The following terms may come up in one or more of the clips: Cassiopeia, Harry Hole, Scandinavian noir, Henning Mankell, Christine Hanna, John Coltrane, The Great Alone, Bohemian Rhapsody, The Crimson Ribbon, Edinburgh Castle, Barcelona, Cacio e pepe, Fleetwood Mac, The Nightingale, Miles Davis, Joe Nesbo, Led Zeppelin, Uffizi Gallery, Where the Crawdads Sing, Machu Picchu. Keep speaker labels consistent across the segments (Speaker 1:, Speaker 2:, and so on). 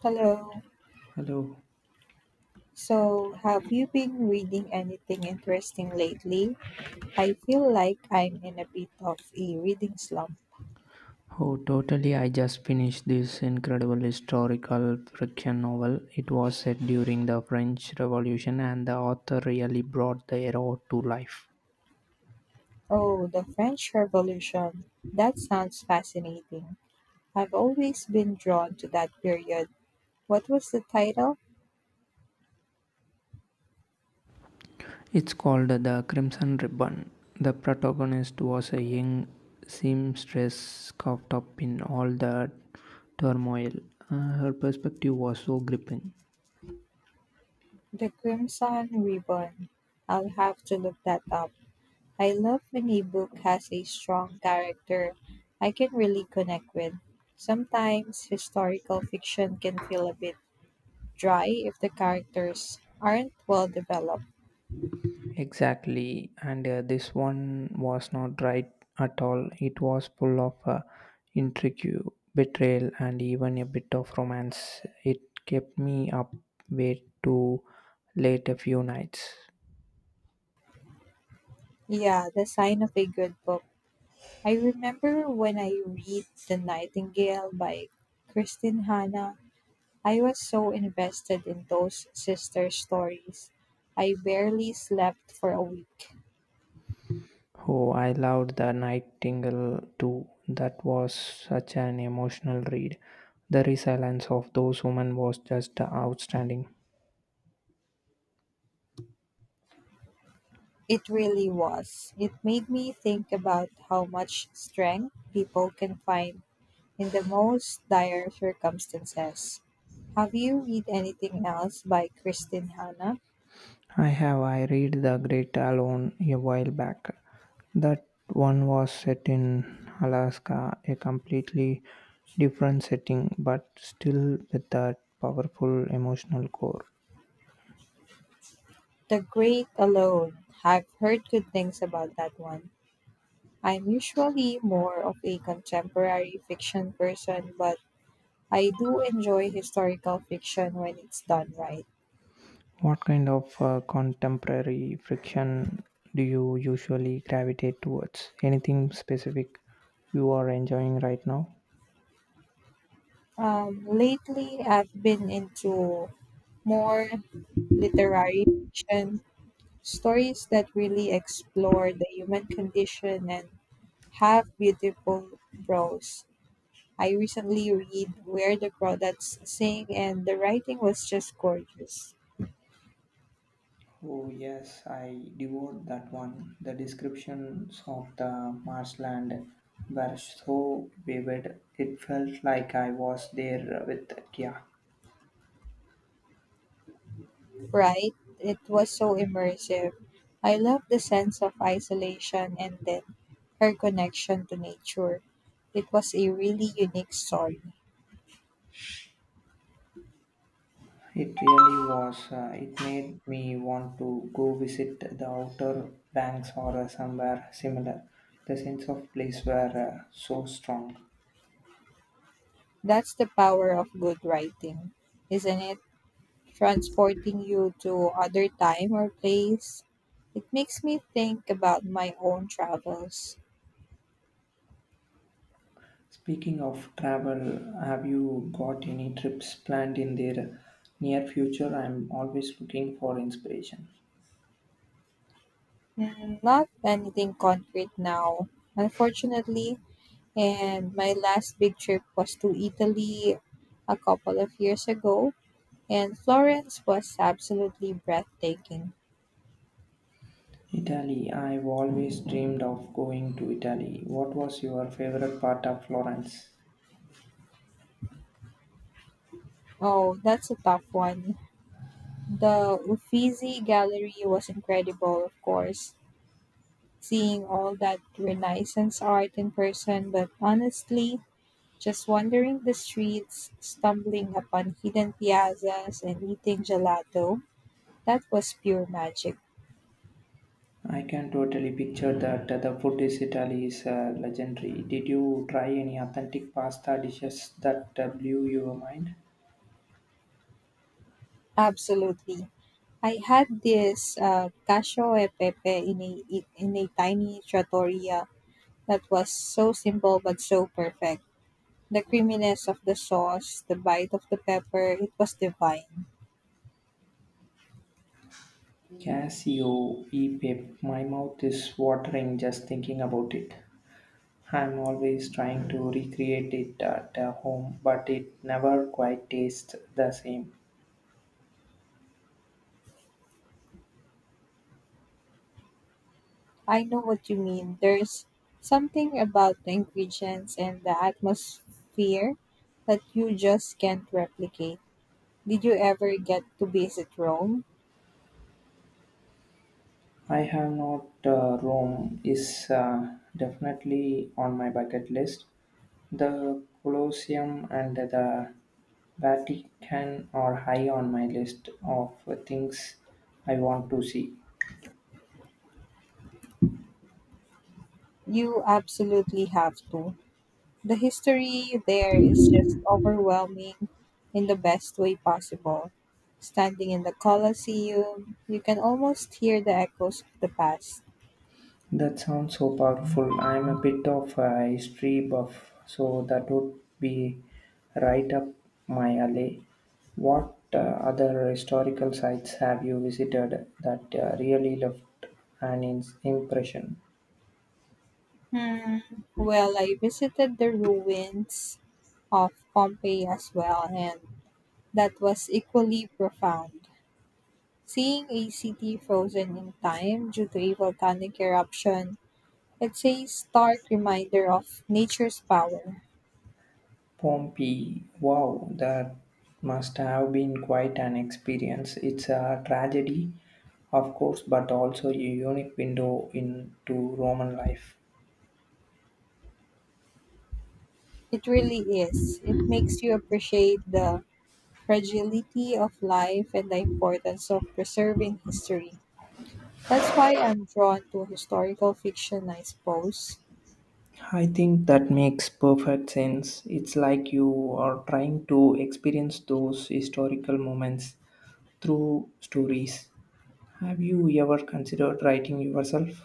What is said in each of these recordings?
Speaker 1: Hello.
Speaker 2: Hello.
Speaker 1: So, have you been reading anything interesting lately? I feel like I'm in a bit of a reading slump.
Speaker 2: Oh, totally. I just finished this incredible historical fiction novel. It was set during the French Revolution, and the author really brought the era to life.
Speaker 1: Oh, the French Revolution. That sounds fascinating. I've always been drawn to that period. What was the title?
Speaker 2: It's called The Crimson Ribbon. The protagonist was a young seamstress caught up in all the turmoil. Her perspective was so gripping.
Speaker 1: The Crimson Ribbon. I'll have to look that up. I love when a book has a strong character I can really connect with. Sometimes historical fiction can feel a bit dry if the characters aren't well developed.
Speaker 2: Exactly, and this one was not right at all. It was full of intrigue, betrayal, and even a bit of romance. It kept me up way too late a few nights.
Speaker 1: Yeah, the sign of a good book. I remember when I read The Nightingale by Christine Hanna, I was so invested in those sister stories. I barely slept for a week.
Speaker 2: Oh, I loved The Nightingale too. That was such an emotional read. The resilience of those women was just outstanding.
Speaker 1: It really was. It made me think about how much strength people can find in the most dire circumstances. Have you read anything else by Christine Hanna?
Speaker 2: I have. I read The Great Alone a while back. That one was set in Alaska, a completely different setting, but still with that powerful emotional core.
Speaker 1: The Great Alone. I've heard good things about that one. I'm usually more of a contemporary fiction person, but I do enjoy historical fiction when it's done right.
Speaker 2: What kind of contemporary friction do you usually gravitate towards? Anything specific you are enjoying right now?
Speaker 1: Lately, I've been into more literary fiction, stories that really explore the human condition and have beautiful prose. I recently read Where the Crawdads Sing, and the writing was just gorgeous.
Speaker 2: Oh, yes, I devoured that one. The descriptions of the marshland were so vivid. It felt like I was there with Kia.
Speaker 1: Right? It was so immersive. I loved the sense of isolation and then her connection to nature. It was a really unique story.
Speaker 2: It really was. It made me want to go visit the outer banks or somewhere similar. The sense of place were so strong.
Speaker 1: That's the power of good writing, isn't it? Transporting you to other time or place. It makes me think about my own travels.
Speaker 2: Speaking of travel, have you got any trips planned in the near future? I'm always looking for inspiration.
Speaker 1: Not anything concrete now, unfortunately. And my last big trip was to Italy a couple of years ago. And Florence was absolutely breathtaking.
Speaker 2: Italy. I've always dreamed of going to Italy. What was your favorite part of Florence?
Speaker 1: Oh, that's a tough one. The Uffizi Gallery was incredible, of course, seeing all that Renaissance art in person, but honestly, just wandering the streets, stumbling upon hidden piazzas, and eating gelato, that was pure magic.
Speaker 2: I can totally picture that the food is Italy is legendary. Did you try any authentic pasta dishes that blew your mind?
Speaker 1: Absolutely. I had this cacio e pepe in a tiny trattoria. That was so simple but so perfect. The creaminess of the sauce, the bite of the pepper, it was divine.
Speaker 2: Casio e pepe. My mouth is watering just thinking about it. I'm always trying to recreate it at home, but it never quite tastes the same.
Speaker 1: I know what you mean. There's something about the ingredients and the atmosphere that you just can't replicate. Did you ever get to visit Rome?
Speaker 2: I have not. Rome is definitely on my bucket list. The Colosseum and the Vatican are high on my list of things I want to see.
Speaker 1: You absolutely have to. The history there is just overwhelming in the best way possible. Standing in the Colosseum, you can almost hear the echoes of the past.
Speaker 2: That sounds so powerful. I'm a bit of a history buff, so that would be right up my alley. What other historical sites have you visited that really left impression?
Speaker 1: Hmm. Well, I visited the ruins of Pompeii as well, and that was equally profound. Seeing a city frozen in time due to a volcanic eruption, it's a stark reminder of nature's power.
Speaker 2: Pompey. Wow, that must have been quite an experience. It's a tragedy, of course, but also a unique window into Roman life.
Speaker 1: It really is. It makes you appreciate the fragility of life and the importance of preserving history. That's why I'm drawn to historical fiction, I suppose.
Speaker 2: I think that makes perfect sense. It's like you are trying to experience those historical moments through stories. Have you ever considered writing yourself?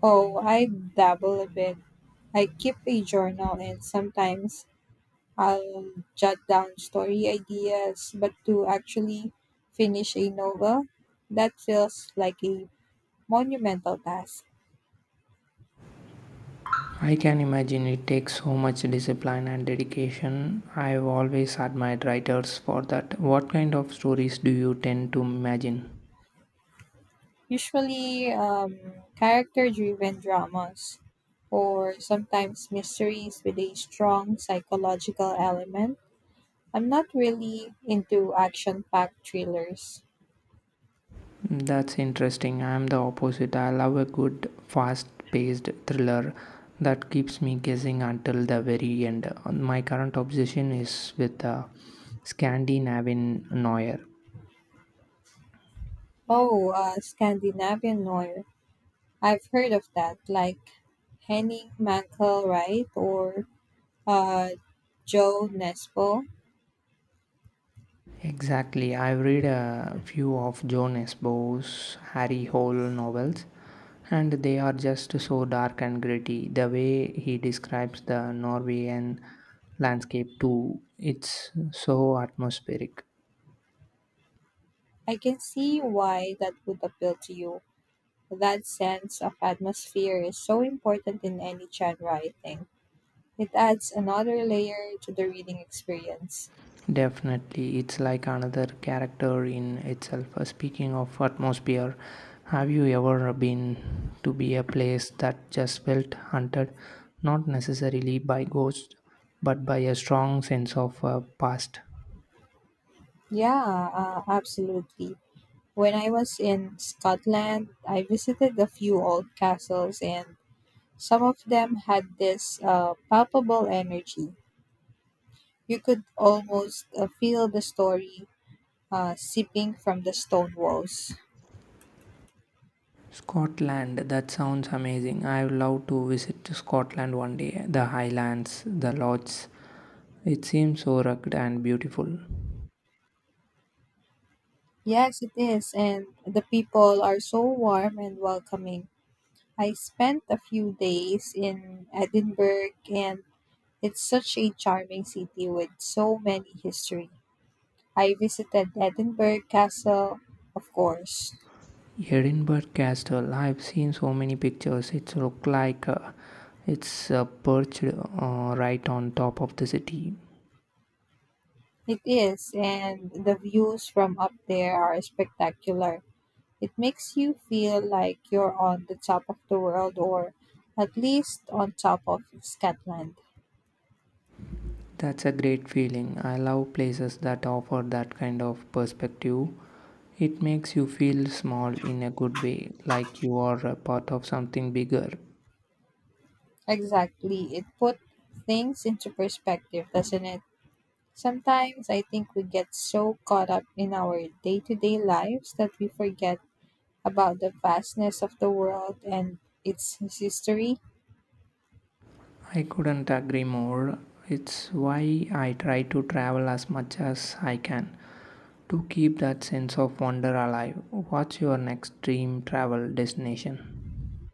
Speaker 1: Oh, I dabble a bit. I keep a journal and sometimes I'll jot down story ideas, but to actually finish a novel, that feels like a monumental task.
Speaker 2: I can imagine it takes so much discipline and dedication. I've always admired writers for that. What kind of stories do you tend to imagine?
Speaker 1: Usually character driven dramas or sometimes mysteries with a strong psychological element. I'm not really into action packed thrillers.
Speaker 2: That's interesting. I'm the opposite. I love a good, fast paced thriller that keeps me guessing until the very end. My current obsession is with Scandinavian noir.
Speaker 1: Oh, Scandinavian noir. I've heard of that, like Henning Mankell, right? Or uh, Joe Nesbo.
Speaker 2: Exactly. I've read a few of John S. Bowe's Harry Hole novels, and they are just so dark and gritty. The way he describes the Norwegian landscape, too, it's so atmospheric.
Speaker 1: I can see why that would appeal to you. That sense of atmosphere is so important in any genre, I think. It adds another layer to the reading experience.
Speaker 2: Definitely, it's like another character in itself. Speaking of atmosphere, have you ever been to be a place that just felt haunted, not necessarily by ghosts, but by a strong sense of past?
Speaker 1: Yeah, absolutely. When I was in Scotland, I visited a few old castles, and some of them had this palpable energy. You could almost feel the story seeping from the stone walls.
Speaker 2: Scotland, that sounds amazing. I would love to visit Scotland one day. The Highlands, the Lodges. It seems so rugged and beautiful.
Speaker 1: Yes, it is, and the people are so warm and welcoming. I spent a few days in Edinburgh, and it's such a charming city with so many history. I visited Edinburgh Castle, of course.
Speaker 2: Edinburgh Castle. I've seen so many pictures. It's look like it's perched right on top of the city.
Speaker 1: It is, and the views from up there are spectacular. It makes you feel like you're on the top of the world, or at least on top of Scotland.
Speaker 2: That's a great feeling. I love places that offer that kind of perspective. It makes you feel small in a good way, like you are a part of something bigger.
Speaker 1: Exactly. It put things into perspective, doesn't it? Sometimes I think we get so caught up in our day to day lives that we forget about the vastness of the world and its history.
Speaker 2: I couldn't agree more. It's why I try to travel as much as I can to keep that sense of wonder alive. What's your next dream travel destination?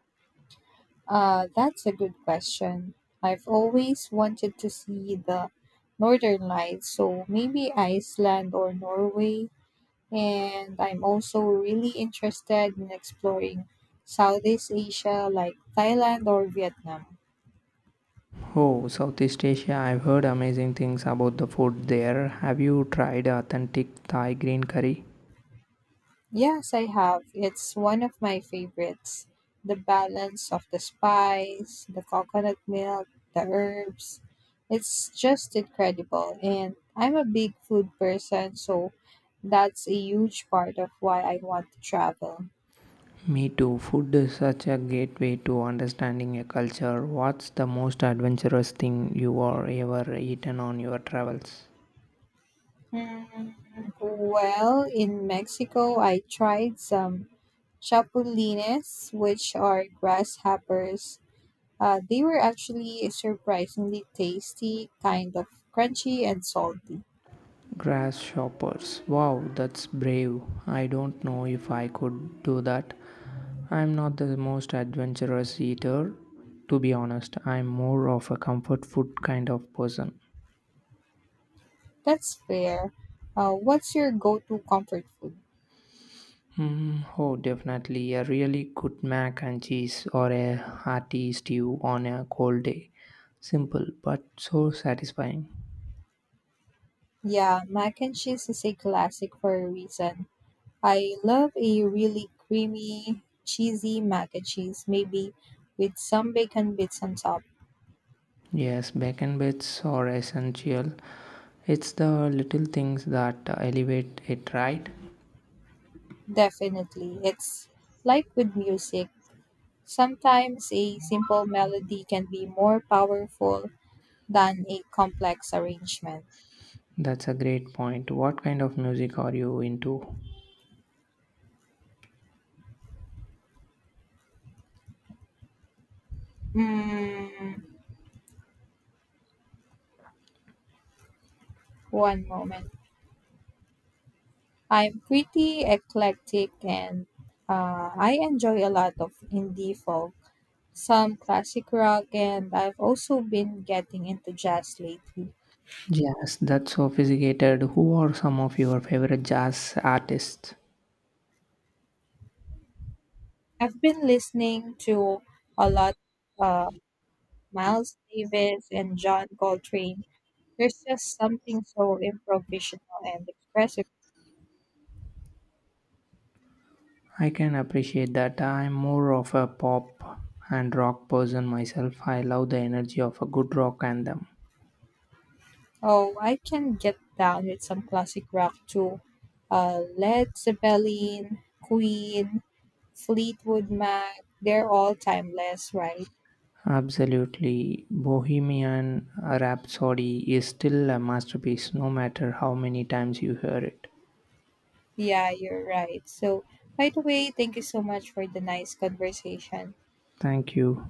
Speaker 1: That's a good question. I've always wanted to see the northern lights, so maybe Iceland or Norway. And I'm also really interested in exploring Southeast Asia, like Thailand or Vietnam.
Speaker 2: Oh, Southeast Asia, I've heard amazing things about the food there. Have you tried authentic Thai green curry?
Speaker 1: Yes, I have. It's one of my favorites. The balance of the spice, the coconut milk, the herbs. It's just incredible. And I'm a big food person, so that's a huge part of why I want to travel.
Speaker 2: Me too. Food is such a gateway to understanding a culture. What's the most adventurous thing you are ever eaten on your travels?
Speaker 1: Hmm. Well, in Mexico, I tried some chapulines, which are grasshoppers. They were actually surprisingly tasty, kind of crunchy and salty.
Speaker 2: Grasshoppers. Wow, that's brave. I don't know if I could do that. I'm not the most adventurous eater, to be honest. I'm more of a comfort food kind of person.
Speaker 1: That's fair. What's your go to comfort food?
Speaker 2: Mm, oh, definitely. A really good mac and cheese or a hearty stew on a cold day. Simple, but so satisfying.
Speaker 1: Yeah, mac and cheese is a classic for a reason. I love a really creamy, cheesy mac and cheese, maybe with some bacon bits on top.
Speaker 2: Yes, bacon bits are essential. It's the little things that elevate it, right?
Speaker 1: Definitely. It's like with music. Sometimes a simple melody can be more powerful than a complex arrangement.
Speaker 2: That's a great point. What kind of music are you into?
Speaker 1: Mm, One moment. I'm pretty eclectic, and I enjoy a lot of indie folk, some classic rock, and I've also been getting into jazz lately.
Speaker 2: Jazz, that's sophisticated. Who are some of your favorite jazz artists?
Speaker 1: I've been listening to a lot uh, Miles Davis and John Coltrane. There's just something so improvisational and expressive.
Speaker 2: I can appreciate that. I'm more of a pop and rock person myself. I love the energy of a good rock anthem.
Speaker 1: Oh, I can get down with some classic rock too. Led Zeppelin, Queen, Fleetwood Mac, they're all timeless, right?
Speaker 2: Absolutely. Bohemian Rhapsody is still a masterpiece, no matter how many times you hear it.
Speaker 1: Yeah, you're right. So, by the way, thank you so much for the nice conversation.
Speaker 2: Thank you.